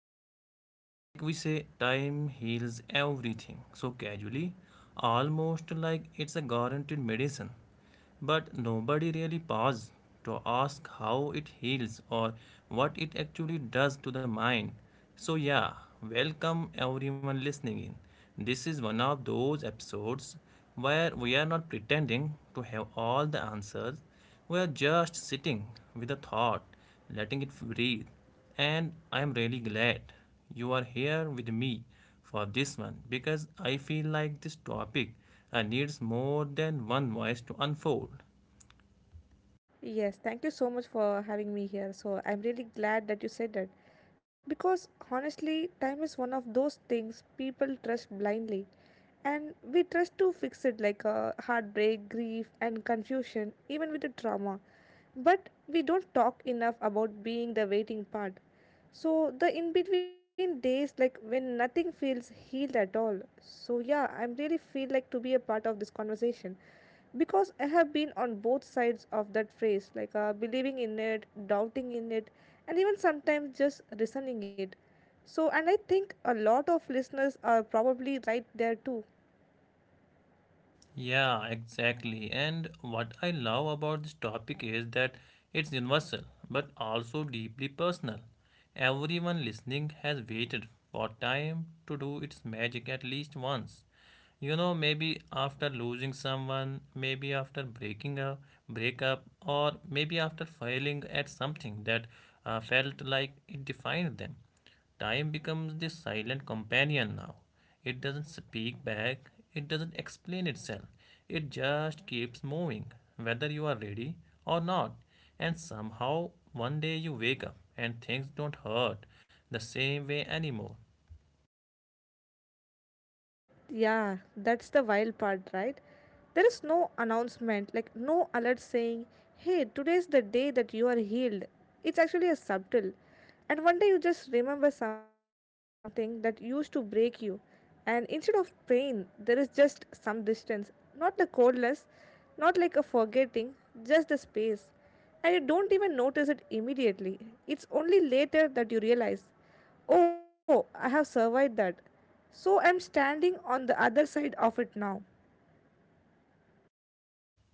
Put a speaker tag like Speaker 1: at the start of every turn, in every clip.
Speaker 1: is. Like we say, time heals everything so casually, almost like it's a guaranteed medicine. But nobody really pauses to ask how it heals or what it actually does to the mind. So, yeah, welcome everyone listening in. This is one of those episodes where we are not pretending to have all the answers. We are just sitting with a thought, letting it breathe. And I am really glad you are here with me for this one because I feel like this topic needs more than one voice to unfold.
Speaker 2: Yes, thank you so much for having me here. So, I'm really glad that you said that because honestly, time is one of those things people trust blindly, and we trust to fix it like a heartbreak, grief, and confusion, even with the trauma. But we don't talk enough about being the waiting part, so the in between days, like when nothing feels healed at all. So yeah, I am really feel like to be a part of this conversation because I have been on both sides of that phrase, like believing in it, doubting in it, and even sometimes just resenting it. So and I think a lot of listeners are probably right there too.
Speaker 1: Yeah, exactly. And what I love about this topic is that it's universal but also deeply personal. Everyone listening has waited for time to do its magic at least once. You know, maybe after losing someone, maybe after breaking a breakup, or maybe after failing at something that felt like it defined them. Time becomes the silent companion now. It doesn't speak back, it doesn't explain itself. It just keeps moving, whether you are ready or not. And somehow, one day you wake up and things don't hurt the same way anymore.
Speaker 2: Yeah, that's the wild part, right? There is no announcement, like no alert saying, hey, today's the day that you are healed. It's actually a subtle. And one day you just remember something that used to break you. And instead of pain, there is just some distance. Not the coldness, not like a forgetting, just the space. And you don't even notice it immediately. It's only later that you realize. Oh, I have survived that. So I'm standing on the other side of it now.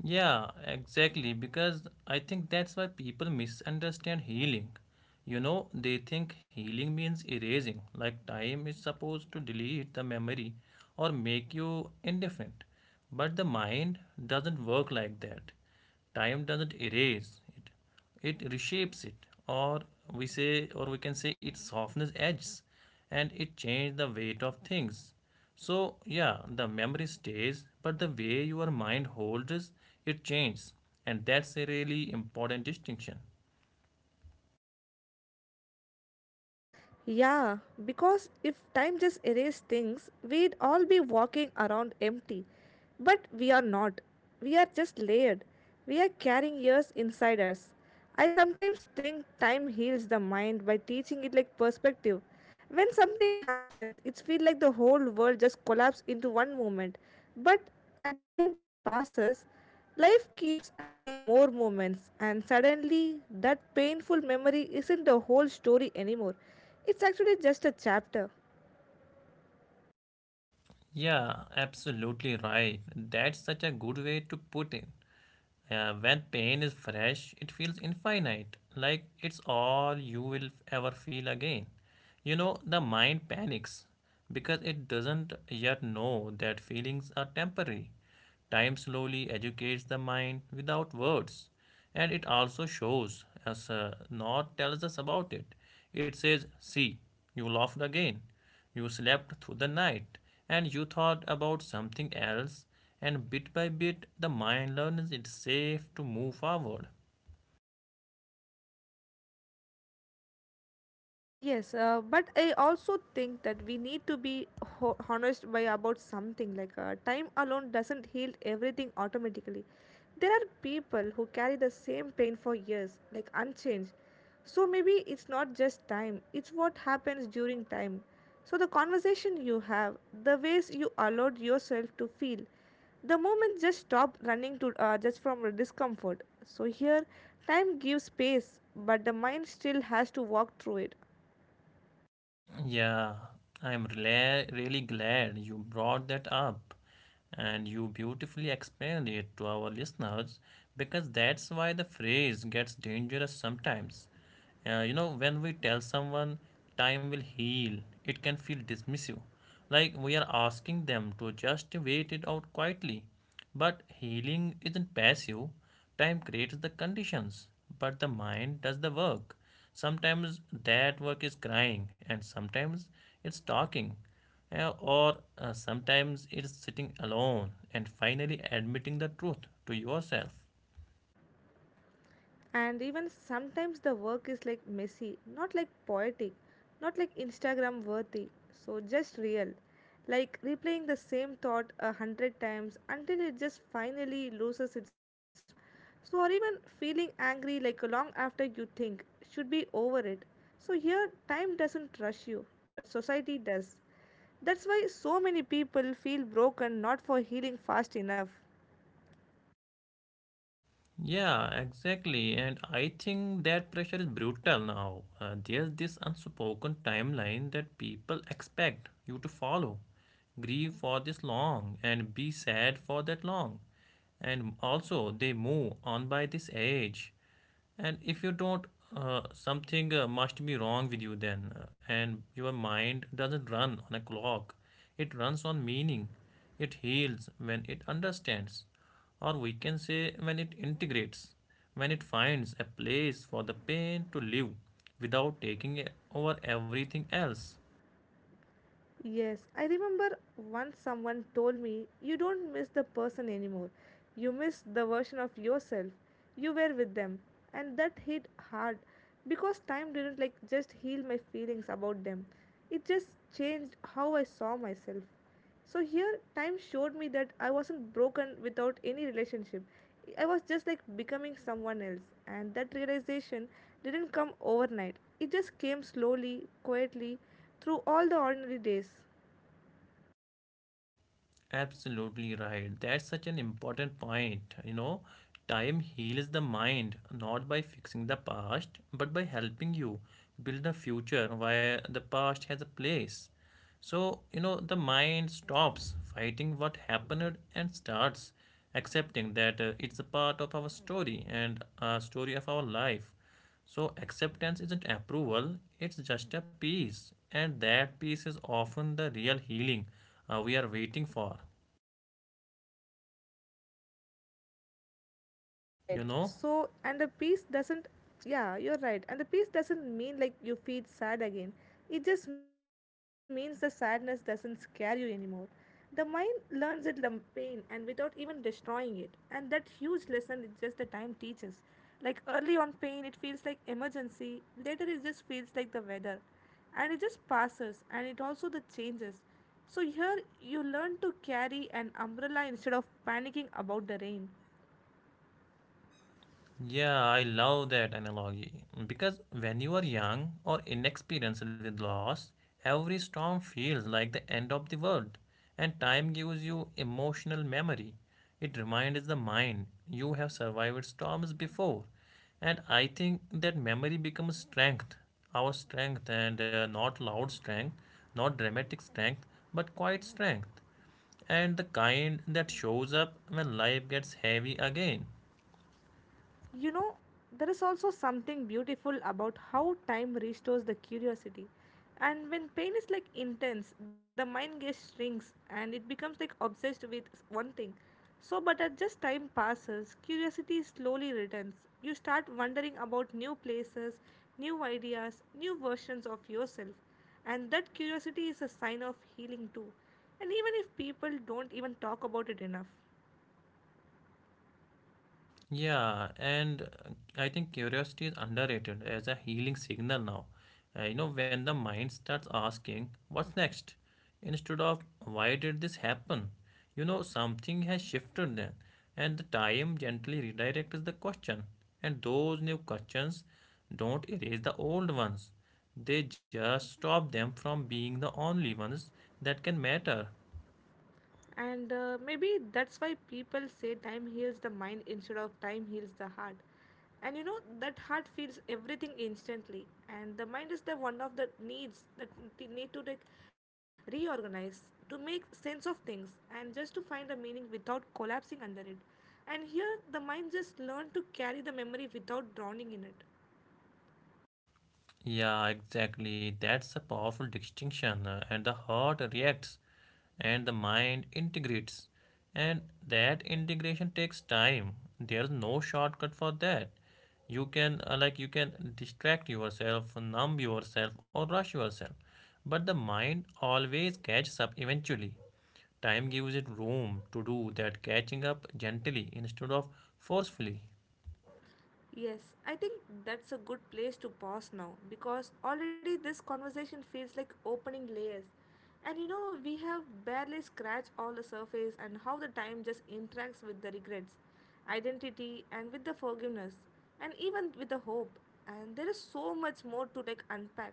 Speaker 1: Yeah, exactly. Because I think that's why people misunderstand healing. You know, they think healing means erasing, like time is supposed to delete the memory or make you indifferent. But the mind doesn't work like that. Time doesn't erase it, it reshapes it, or we can say it softens edges and it changes the weight of things. So yeah, the memory stays, but the way your mind holds it changes, and that's a really important distinction.
Speaker 2: Yeah, because if time just erased things, we'd all be walking around empty. But we are not. We are just layered. We are carrying years inside us. I sometimes think time heals the mind by teaching it like perspective. When something happens, it feels like the whole world just collapses into one moment. But at the time just passes, life keeps adding more moments, and suddenly, that painful memory isn't the whole story anymore. It's actually just a chapter.
Speaker 1: Yeah, absolutely right.
Speaker 2: So, what do
Speaker 1: That's
Speaker 2: you
Speaker 1: such
Speaker 2: think?
Speaker 1: a good way to put it. When pain is fresh, it feels infinite, like it's all you will ever feel again. You know, the mind panics because it doesn't yet know that feelings are temporary. Time slowly educates the mind without words, and it also shows us, not tells us about it. It says, see, you laughed again. You slept through the night and you thought about something else, and bit by bit, the mind learns it's safe to move forward.
Speaker 2: Yes, but I also think that we need to be honest by about something, like time alone doesn't heal everything automatically. There are people who carry the same pain for years, like unchanged. So maybe it's not just time, it's what happens during time. So the conversation you have, the ways you allowed yourself to feel, the moment just stop running to just from discomfort. So here time gives space, but the mind still has to walk through it.
Speaker 1: Yeah, I'm really glad you brought that up and you beautifully explained it to our listeners because that's why the phrase gets dangerous sometimes. You know, when we tell someone time will heal, it can feel dismissive, like we are asking them to just wait it out quietly. But healing isn't passive, time creates the conditions, but the mind does the work. Sometimes that work is crying, and sometimes it's talking, or sometimes it's sitting alone and finally admitting the truth to yourself.
Speaker 2: And even sometimes the work is like messy, not like poetic, not like Instagram worthy, so just real, like replaying the same thought 100 times until it just finally loses its power. So or even feeling angry like long after you think should be over it. So here time doesn't rush you, but society does. That's why so many people feel broken, not for healing fast enough.
Speaker 1: Yeah, exactly. And I think that pressure is brutal now. There's this unspoken timeline that people expect you to follow. Grieve for this long and be sad for that long. And also, they move on by this age. And if you don't, something must be wrong with you then. And your mind doesn't run on a clock, it runs on meaning. It heals when it understands, or we can say when it integrates, when it finds a place for the pain to live without taking over everything else.
Speaker 2: Yes, I remember once someone told me, you don't miss the person anymore. You miss the version of yourself. You were with them. And that hit hard because time didn't like just heal my feelings about them. It just changed how I saw myself. So here, time showed me that I wasn't broken without any relationship. I was just like becoming someone else, and that realization didn't come overnight. It just came slowly, quietly, through all the ordinary days.
Speaker 1: Absolutely right. That's such an important point. You know, time heals the mind not by fixing the past, but by helping you build a future where the past has a place. So, you know, the mind stops fighting what happened and starts accepting that it's a part of our story and a story of our life. So, acceptance isn't approval, it's just a peace. And that peace is often the real healing we are waiting for.
Speaker 2: Right.
Speaker 1: You know?
Speaker 2: So, and the peace doesn't, yeah, you're right. And the peace doesn't mean like you feel sad again. It just means the sadness doesn't scare you anymore. The mind learns it from pain and without even destroying it. And that huge lesson is just the time teaches. Like early on pain, it feels like emergency. Later, it just feels like the weather. And it just passes and it also the changes. So here you learn to carry an umbrella instead of panicking about the rain.
Speaker 1: Yeah, I love that analogy. Because when you are young or inexperienced with loss, every storm feels like the end of the world. And time gives you emotional memory. It reminds the mind you have survived storms before. And I think that memory becomes strength, our strength, and not loud strength, not dramatic strength, but quiet strength. And the kind that shows up when life gets heavy again.
Speaker 2: You know, there is also something beautiful about how time restores the curiosity. And when pain is like intense, the mind gets shrinks and it becomes like obsessed with one thing. So, but as just time passes, curiosity slowly returns. You start wondering about new places, new ideas, new versions of yourself. And that curiosity is a sign of healing too. And even if people don't even talk about it enough.
Speaker 1: Yeah, and I think curiosity is underrated as a healing signal now. You know, when the mind starts asking, what's next? Instead of, why did this happen? You know, something has shifted then, and the time gently redirects the question. And those new questions don't erase the old ones, they just stop them from being the only ones that can matter.
Speaker 2: And maybe that's why people say time heals the mind instead of time heals the heart. And you know, that heart feels everything instantly. And the mind is the one of the needs that we need to like reorganize, to make sense of things, and just to find a meaning without collapsing under it. And here, the mind just learned to carry the memory without drowning in it.
Speaker 1: Yeah, exactly. That's a powerful distinction. And the heart reacts and the mind integrates. And that integration takes time. There's no shortcut for that. You can, you can distract yourself, numb yourself, or rush yourself. But the mind always catches up eventually. Time gives it room to do that catching up gently instead of forcefully.
Speaker 2: Yes, I think that's a good place to pause now because already this conversation feels like opening layers. And you know, we have barely scratched all the surface and how the time just interacts with the regrets, identity, and with the forgiveness, and even with the hope. And there is so much more to like unpack,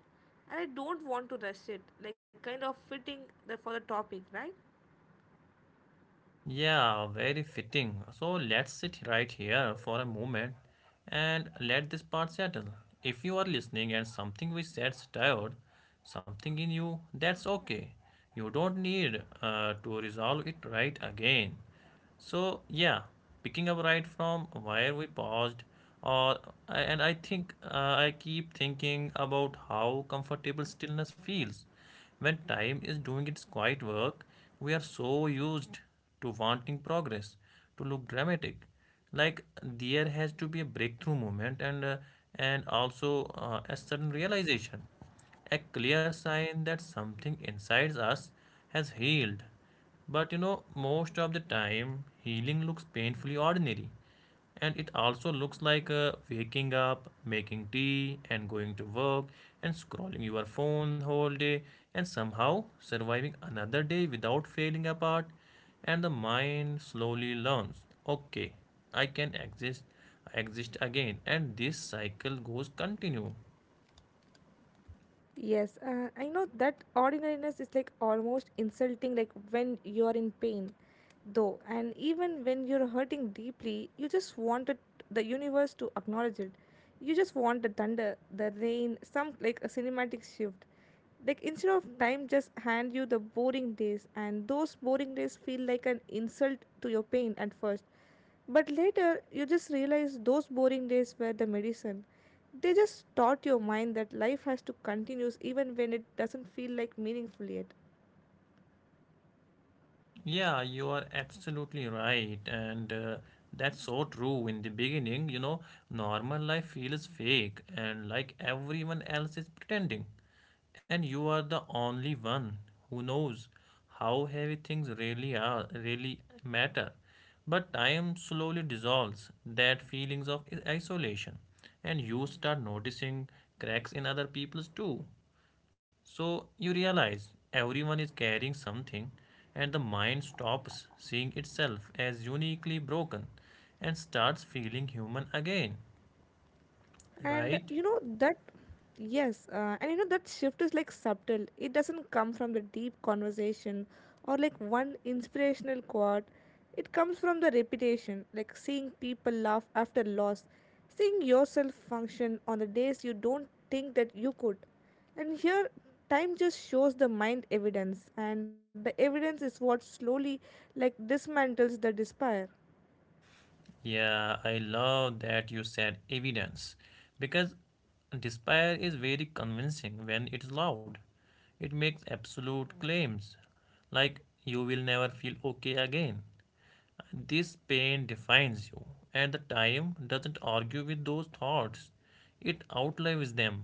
Speaker 2: and I don't want to rush it, like kind of fitting the, for the topic, right?
Speaker 1: Yeah, very fitting. So let's sit right here for a moment and let this part settle. If you are listening and something we said stirred something in you, that's okay. You don't need to resolve it right again. So yeah, picking up right from where we paused, or and I think I keep thinking about how comfortable stillness feels when time is doing its quiet work. We are so used to wanting progress to look dramatic, like there has to be a breakthrough moment and also a sudden realization, a clear sign that something inside us has healed. But you know, most of the time, healing looks painfully ordinary. And it also looks like waking up, making tea, and going to work, and scrolling your phone whole day, and somehow surviving another day without failing apart. And the mind slowly learns, okay, I can exist, I exist again, and this cycle goes continue.
Speaker 2: Yes, I know that ordinariness is like almost insulting, like when you're in pain, though, and even when you're hurting deeply, you just wanted the universe to acknowledge it. You just want the thunder, the rain, some like a cinematic shift. Like instead of time, just hand you the boring days, and those boring days feel like an insult to your pain at first. But later, you just realize those boring days were the medicine. They just taught your mind that life has to continue even when it doesn't feel like meaningful yet.
Speaker 1: Yeah, you are absolutely right. And that's so true. In the beginning, you know, normal life feels fake and like everyone else is pretending. And you are the only one who knows how heavy things really are, really matter. But time slowly dissolves that feelings of isolation, and you start noticing cracks in other people's too. So you realize everyone is carrying something, and the mind stops seeing itself as uniquely broken and starts feeling human again,
Speaker 2: And
Speaker 1: right?
Speaker 2: you know that. Yes, and you know that shift is like subtle. It doesn't come from the deep conversation or like one inspirational quote. It comes from the repetition, like seeing people laugh after loss, seeing yourself function on the days you don't think that you could. And here time just shows the mind evidence, and the evidence is what slowly like dismantles the despair.
Speaker 1: Yeah, I love that you said evidence because despair is very convincing when it's loud. It makes absolute claims like you will never feel okay again. This pain defines you, and the time doesn't argue with those thoughts. It outlives them,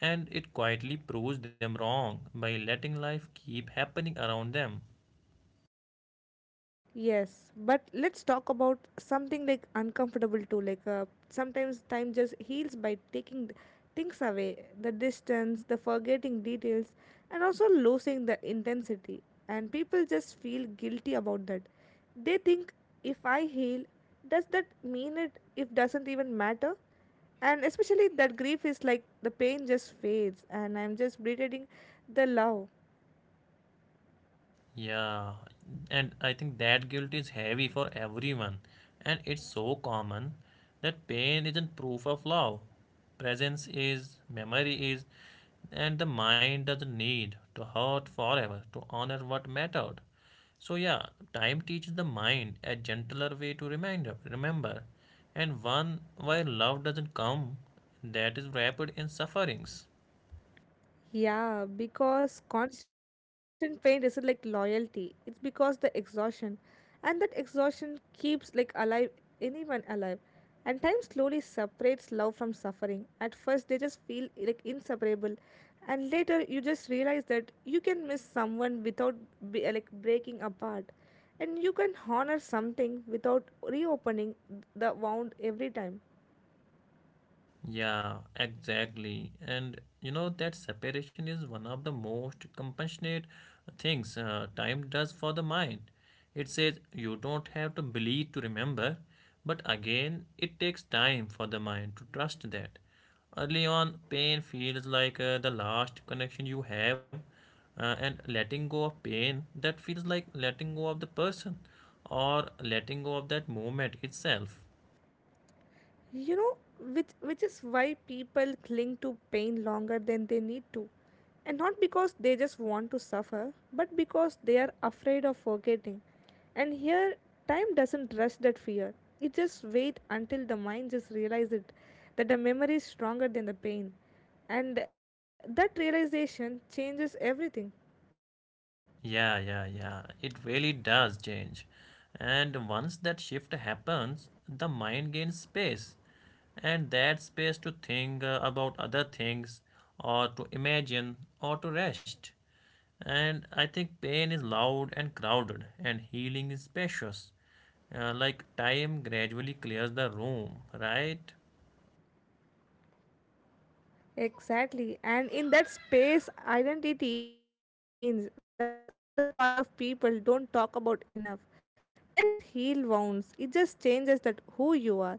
Speaker 1: and it quietly proves them wrong by letting life keep happening around them.
Speaker 2: Yes, but let's talk about something like uncomfortable too. Like sometimes time just heals by taking things away, the distance, the forgetting details, and also losing the intensity. And people just feel guilty about that. They think if I heal, does that mean it? If doesn't even matter. And especially that grief is like the pain just fades, and I'm just reiterating the love.
Speaker 1: Yeah, and I think that guilt is heavy for everyone, and it's so common that pain isn't proof of love. Presence is, memory is, and the mind doesn't need to hurt forever to honor what mattered. So, yeah, time teaches the mind a gentler way to remind, remember, and one where love doesn't come that is wrapped in sufferings.
Speaker 2: Yeah, because constant pain isn't like loyalty. It's because the exhaustion. And that exhaustion keeps like alive anyone alive. And time slowly separates love from suffering. At first they just feel like inseparable. And later you just realize that you can miss someone without be, like breaking apart. And you can honor something without reopening the wound every time.
Speaker 1: Yeah, exactly. And you know that separation is one of the most compassionate things time does for the mind. It says you don't have to believe to remember, but again, it takes time for the mind to trust that. Early on, pain feels like the last connection you have, and letting go of pain that feels like letting go of the person or letting go of that moment itself.
Speaker 2: You know, which is why people cling to pain longer than they need to, and not because they just want to suffer, but because they are afraid of forgetting. And here time doesn't rush that fear. It just waits until the mind just realizes it, that the memory is stronger than the pain. And that realization changes everything.
Speaker 1: Yeah, yeah, yeah. It really does change. And once that shift happens, the mind gains space. And that space to think about other things, or to imagine, or to rest. And I think pain is loud and crowded, and healing is spacious. Like time gradually clears the room, right?
Speaker 2: Exactly. And in that space, identity starts to change. That's another part of people don't talk about enough. Time doesn't heal wounds, it just changes that who you are.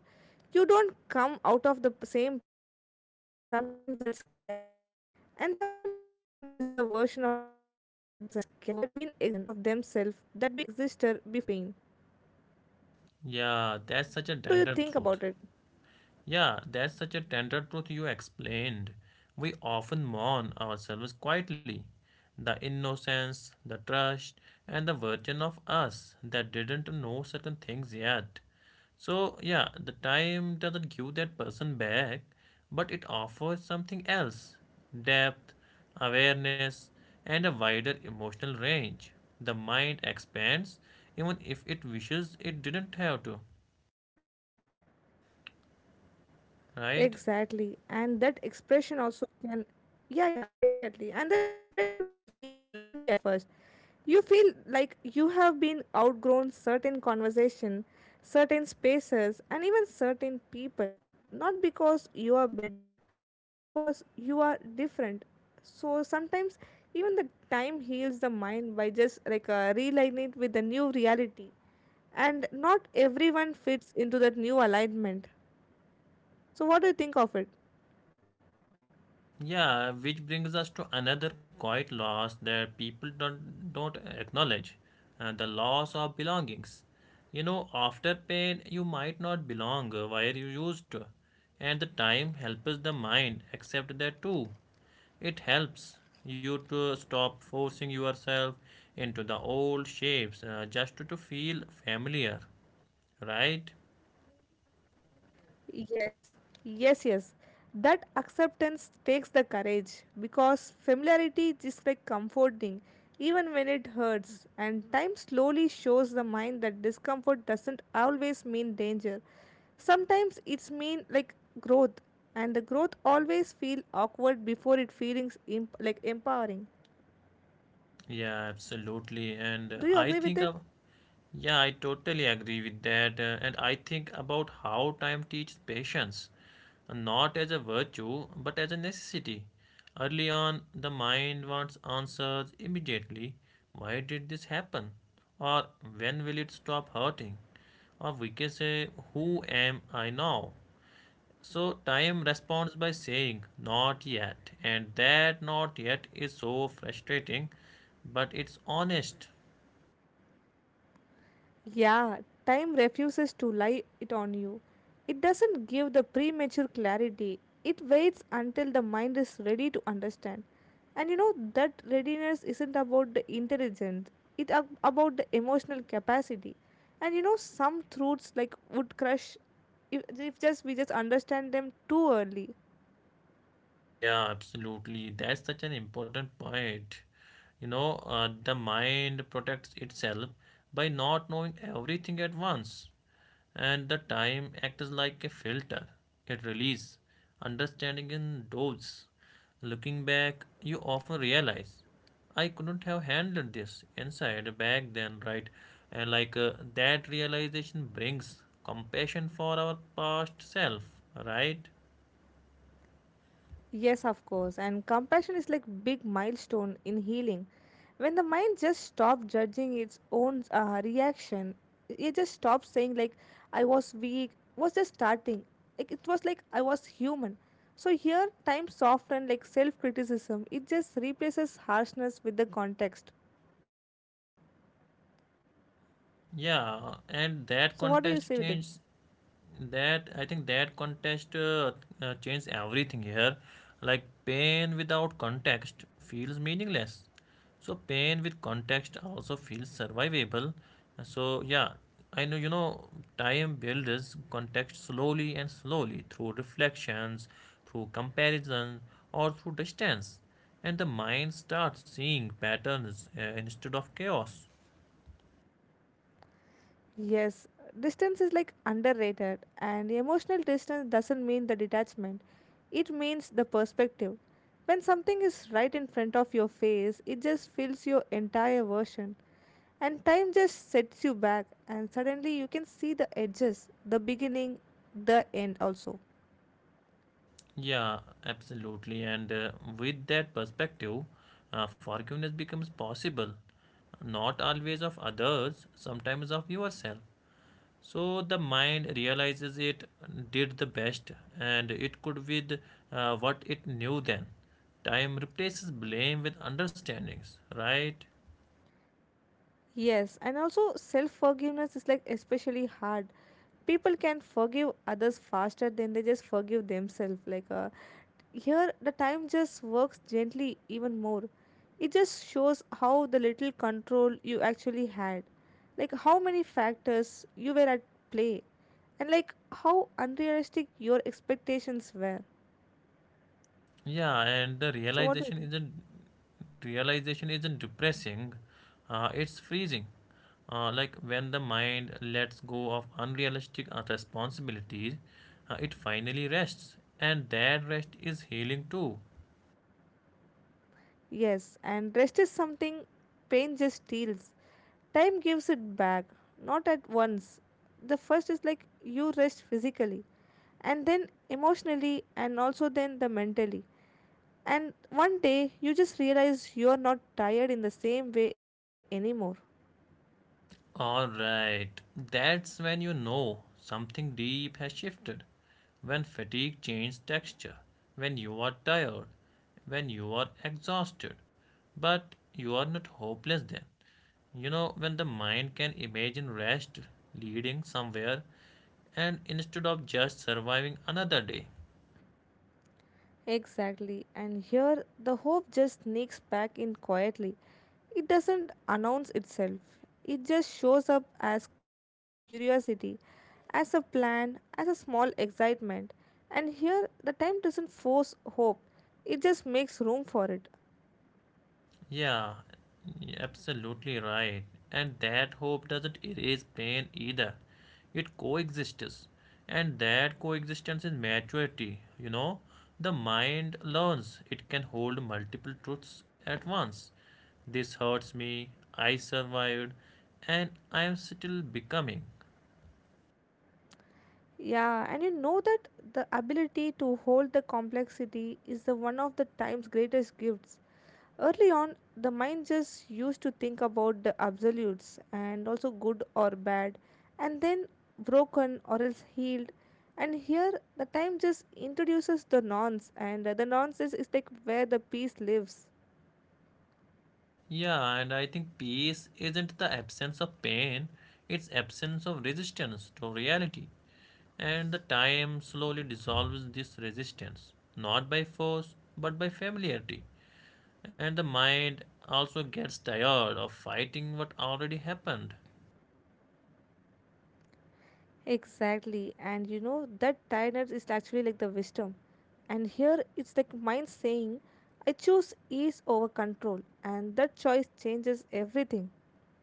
Speaker 2: You don't come out of the same person, and sometimes that's scary. And sometimes people miss the version of themselves that been existed before the pain.
Speaker 1: Yeah, that's such a
Speaker 2: What do you
Speaker 1: tender
Speaker 2: think
Speaker 1: truth.
Speaker 2: about it?
Speaker 1: Yeah, that's such a tender truth you explained. We often mourn ourselves quietly. The innocence, the trust, and the version of us that didn't know certain things yet. So, yeah, the time doesn't give that person back, but it offers something else: depth, awareness, and a wider emotional range. The mind expands even if it wishes it didn't have to, right?
Speaker 2: Exactly. And that expression also can, yeah, yeah, exactly. And that expression can feel lonely at first. You feel like you have been outgrown certain conversation, certain spaces, and even certain people. Not because you are better, but because you are different. So sometimes even the time heals the mind by just like realigning it with the new reality. And not everyone fits into that new alignment. So, what do you think of it?
Speaker 1: Yeah, which brings us to another quiet loss that people don't acknowledge, the loss of belongings. You know, after pain, you might not belong where you used to, and the time helps the mind accept that too. It helps you to stop forcing yourself into the old shapes just to feel familiar, right?
Speaker 2: Yes, yes, yes. That acceptance takes the courage because familiarity is like comforting, even when it hurts. And time slowly shows the mind that discomfort doesn't always mean danger. Sometimes it's mean like growth, and the growth always feel awkward before it feelings like empowering.
Speaker 1: Yeah, absolutely. And
Speaker 2: Do you
Speaker 1: I
Speaker 2: agree with
Speaker 1: think
Speaker 2: it?
Speaker 1: of— Yeah, I totally agree with that. And I think about how time teaches patience, not as a virtue, but as a necessity. Early on, the mind wants answers immediately. Why did this happen? Or when will it stop hurting? Or we can say, who am I now? So time responds by saying, not yet. And that not yet is so frustrating, but it's honest.
Speaker 2: Yeah, time refuses to lie it on you. It doesn't give the premature clarity. It waits until the mind is ready to understand. And you know that readiness isn't about the intelligence, it's about the emotional capacity. And you know some truths like would crush if just we just understand them too early.
Speaker 1: Yeah, absolutely. That's such an important point. You know, the mind protects itself by not knowing everything at once, and the time acts like a filter. It releases understanding in doses. Looking back, you often realize I couldn't have handled this inside back then, right? And that realization brings compassion for our past self, right?
Speaker 2: Yes, of course. And compassion is like big milestone in healing. When the mind just stops judging its own reaction, it just stops saying like I was weak, was just starting. Like it was like I was human. So here time softened like self-criticism. It just replaces harshness with the context.
Speaker 1: Yeah, and that
Speaker 2: So what do you
Speaker 1: contest
Speaker 2: say with it?
Speaker 1: changed that I think that contest changed everything here. Like pain without context feels meaningless. So pain with context also feels survivable. So yeah, I know you know time builds context slowly and slowly through reflections, through comparison, or through distance, and the mind starts seeing patterns instead of chaos.
Speaker 2: Yes, distance is like underrated, and emotional distance doesn't mean the detachment, it means the perspective. When something is right in front of your face, it just fills your entire version, and time just sets you back, and suddenly you can see the edges, the beginning, the end also.
Speaker 1: Yeah, absolutely. And with that perspective, forgiveness becomes possible, not always of others, sometimes of yourself. So the mind realizes it did the best, and it could with what it knew then. Time replaces blame with understandings, right?
Speaker 2: Yes, and also self forgiveness is like especially hard. People can forgive others faster than they just forgive themselves. Like here, the time just works gently even more. It just shows how the little control you actually had, like how many factors you were at play, and like how unrealistic your expectations were.
Speaker 1: Yeah, and the
Speaker 2: So, what do you think?
Speaker 1: realization isn't depressing, it's freezing. Like when the mind lets go of unrealistic responsibilities, it finally rests, and that rest is healing too.
Speaker 2: Yes, and rest is something pain just steals. Time gives it back, not at once. The first is like you rest physically, and then emotionally, and also then the mentally. And one day you just realize you're not tired in the same way anymore.
Speaker 1: All right, that's when you know something deep has shifted. When fatigue changes texture, when you are tired, when you are exhausted, but you are not hopeless then. You know, when the mind can imagine rest leading somewhere and instead of just surviving another day.
Speaker 2: Exactly, and here the hope just sneaks back in quietly. It doesn't announce itself, it just shows up as curiosity, as a plan, as a small excitement. And here the time doesn't force hope, it just makes room for it.
Speaker 1: Yeah, absolutely right. And that hope doesn't erase pain either, it coexists. And that coexistence is maturity. You know, the mind learns it can hold multiple truths at once. This hurts me, I survived, and I am still becoming.
Speaker 2: Yeah, and you know that the ability to hold the complexity is the one of the time's greatest gifts. Early on, the mind just used to think about the absolutes and also good or bad, and then broken or else healed. And here, the time just introduces the nonce, and the nonce is like where the peace lives.
Speaker 1: Yeah, and I think peace isn't the absence of pain, it's absence of resistance to reality. And the time slowly dissolves this resistance, not by force, but by familiarity. And the mind also gets tired of fighting what already happened.
Speaker 2: Exactly, and you know that tiredness is actually like the wisdom. And here it's like mind saying, I choose ease over control, and that choice changes everything.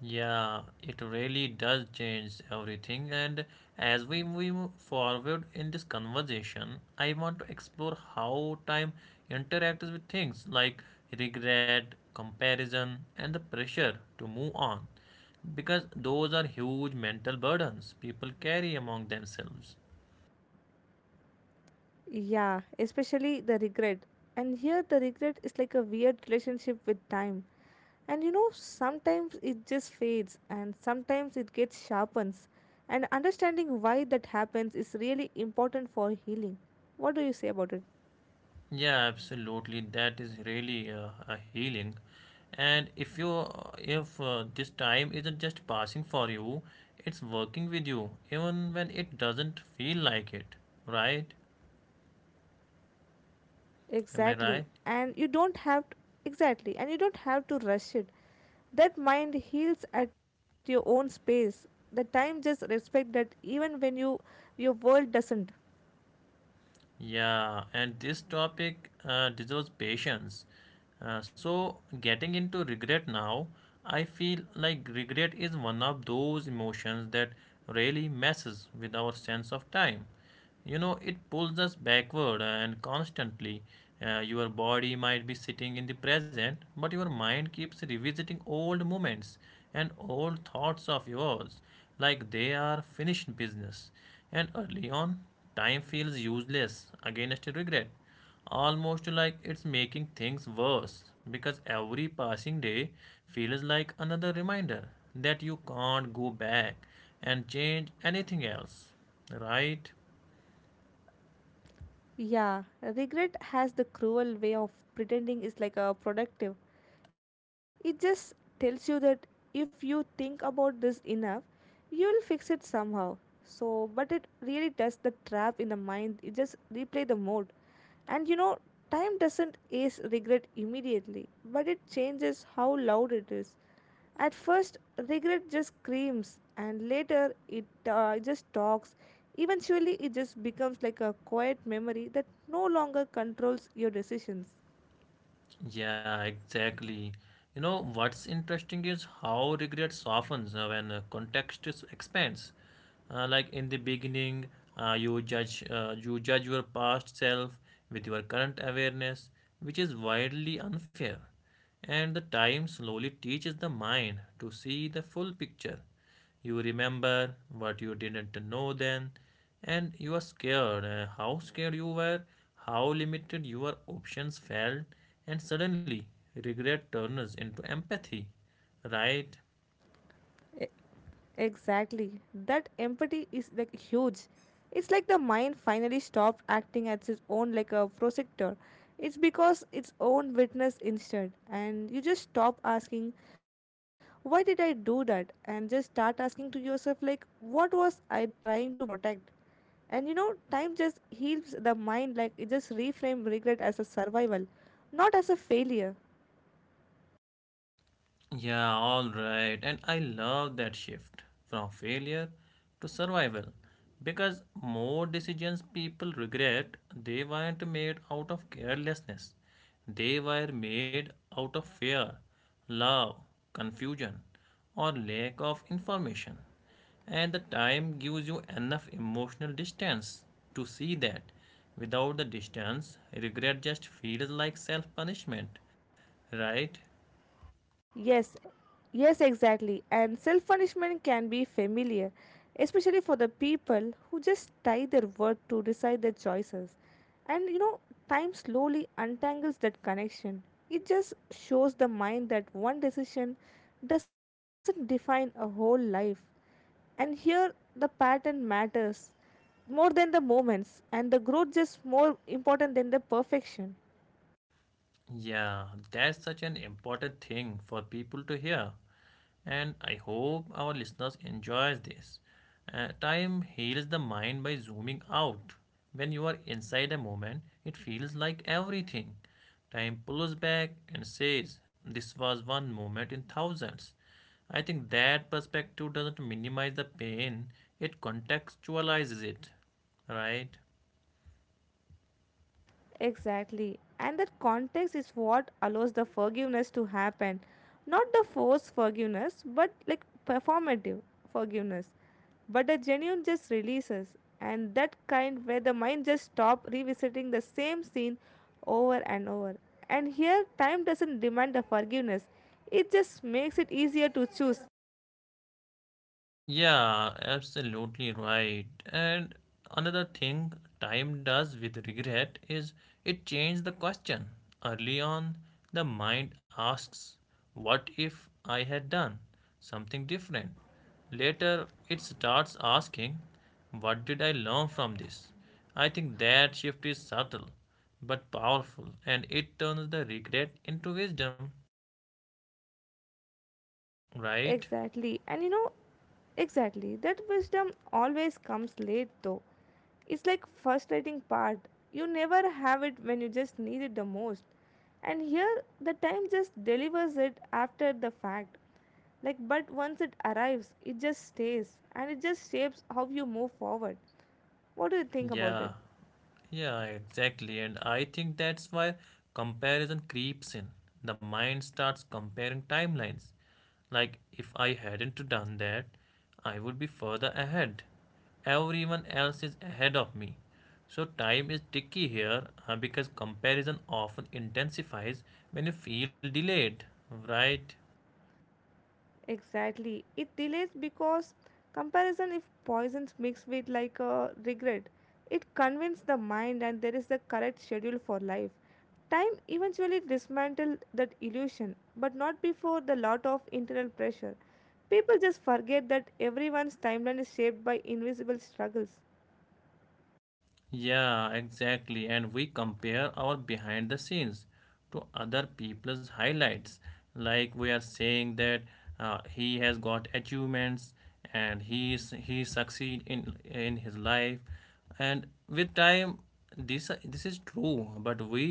Speaker 1: Yeah, it really does change everything. And as we move forward in this conversation, I want to explore how time interacts with things like regret, comparison, and the pressure to move on, because those are huge mental burdens people carry among themselves.
Speaker 2: Yeah, especially the regret. And here, the regret is like a weird relationship with time. And you know, sometimes it just fades, and sometimes it gets sharpens. And understanding why that happens is really important for healing. What do you say about it?
Speaker 1: Yeah, absolutely. That is really a healing. And if this time isn't just passing for you, it's working with you, even when it doesn't feel like it, right? Am I
Speaker 2: Exactly.
Speaker 1: right?
Speaker 2: And you don't have to, exactly, and you don't have to rush it. That mind heals at your own space. The time just respect that even when you your world doesn't.
Speaker 1: Yeah. And this topic deserves patience. So getting into regret now, I feel like regret is one of those emotions that really messes with our sense of time. You know, it pulls us backward and constantly. Your body might be sitting in the present, but your mind keeps revisiting old moments and old thoughts of yours like they are finished business. And early on, time feels useless against regret, almost like it's making things worse, because every passing day feels like another reminder that you can't go back and change anything else, right?
Speaker 2: Yeah, regret has the cruel way of pretending it's like a productive. It just tells you that if you think about this enough, you'll fix it somehow. So, but it really does the trap in the mind. It just replay the mode. And you know, time doesn't erase regret immediately, but it changes how loud it is. At first, regret just screams, and later it just talks. Eventually, it just becomes like a quiet memory that no longer controls your decisions.
Speaker 1: Yeah, exactly. You know, what's interesting is how regret softens when context expands. Like in the beginning, you judge your past self with your current awareness, which is widely unfair. And the time slowly teaches the mind to see the full picture. You remember what you didn't know then, and you are scared. How scared you were, how limited your options felt, and suddenly regret turns into empathy, right?
Speaker 2: E- Exactly. That empathy is like huge. It's like the mind finally stopped acting as its own like a prosector. It's because its own witness instead. And you just stop asking, why did I do that? And just start asking to yourself like what was I trying to protect? And you know, time just heals the mind like it just reframe regret as a survival, not as a failure.
Speaker 1: Yeah, all right. And I love that shift from failure to survival, because more decisions people regret they weren't made out of carelessness. They were made out of fear, love, confusion, or lack of information. And the time gives you enough emotional distance to see that. Without the distance, regret just feels like self punishment, right?
Speaker 2: Yes, yes, exactly. And self punishment can be familiar, especially for the people who just tie their word to decide their choices. And you know, time slowly untangles that connection. It just shows the mind that one decision doesn't define a whole life. And here, the pattern matters more than the moments, and the growth is more important than the perfection.
Speaker 1: Yeah, that's such an important thing for people to hear. And I hope our listeners enjoys this. Time heals the mind by zooming out. When you are inside a moment, it feels like everything. Time pulls back and says, "This was one moment in thousands." I think that perspective doesn't minimize the pain, it contextualizes it. Right?
Speaker 2: Exactly. And that context is what allows the forgiveness to happen. Not the forced forgiveness, but like performative forgiveness. But the genuine just releases. And that kind where the mind just stop revisiting the same scene over and over. And here time doesn't demand the forgiveness. It just makes it easier to choose.
Speaker 1: Yeah, absolutely right. And another thing time does with regret is it changes the question. Early on, the mind asks, what if I had done something different? Later, it starts asking, what did I learn from this? I think that shift is subtle but powerful, and it turns the regret into wisdom, right?
Speaker 2: Exactly. Exactly. That wisdom always comes late though. It's like frustrating part. You never have it when you just need it the most. And here the time just delivers it after the fact. Like but once it arrives, it just stays and it just shapes how you move forward. What do you think about
Speaker 1: Yeah,
Speaker 2: it?
Speaker 1: yeah, exactly. And I think that's why comparison creeps in. The mind starts comparing timelines. Like, if I hadn't done that, I would be further ahead. Everyone else is ahead of me. So time is tricky here because comparison often intensifies when you feel delayed, right?
Speaker 2: Exactly. It delays because comparison, if poisons mixed with like a regret, it convinces the mind and there is the correct schedule for life. Time eventually dismantles that illusion, but not before the lot of internal pressure. People just forget that everyone's timeline is shaped by invisible struggles.
Speaker 1: Yeah, exactly. And we compare our behind the scenes to other people's highlights. Like we are saying that he has got achievements and he succeed in his life. And with time, this is true. But we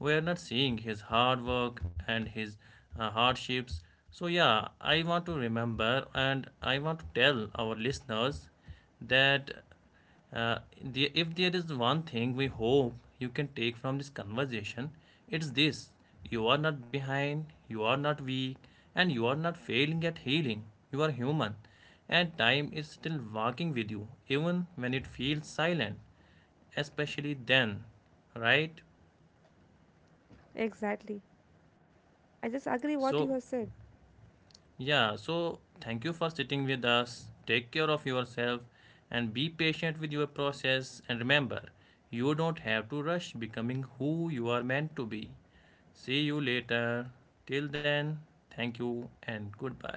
Speaker 1: were not seeing his hard work and his hardships. So yeah, I want to remember and I want to tell our listeners that if there is one thing we hope you can take from this conversation, it's this: you are not behind, you are not weak, and you are not failing at healing. You are human, and time is still walking with you, even when it feels silent, especially then, right?
Speaker 2: Exactly. I just agree
Speaker 1: So,
Speaker 2: what you have said.
Speaker 1: yeah, so thank you for sitting with us. Take care of yourself and be patient with your process. And remember, you don't have to rush becoming who you are meant to be. See you later. Till then, thank you and goodbye.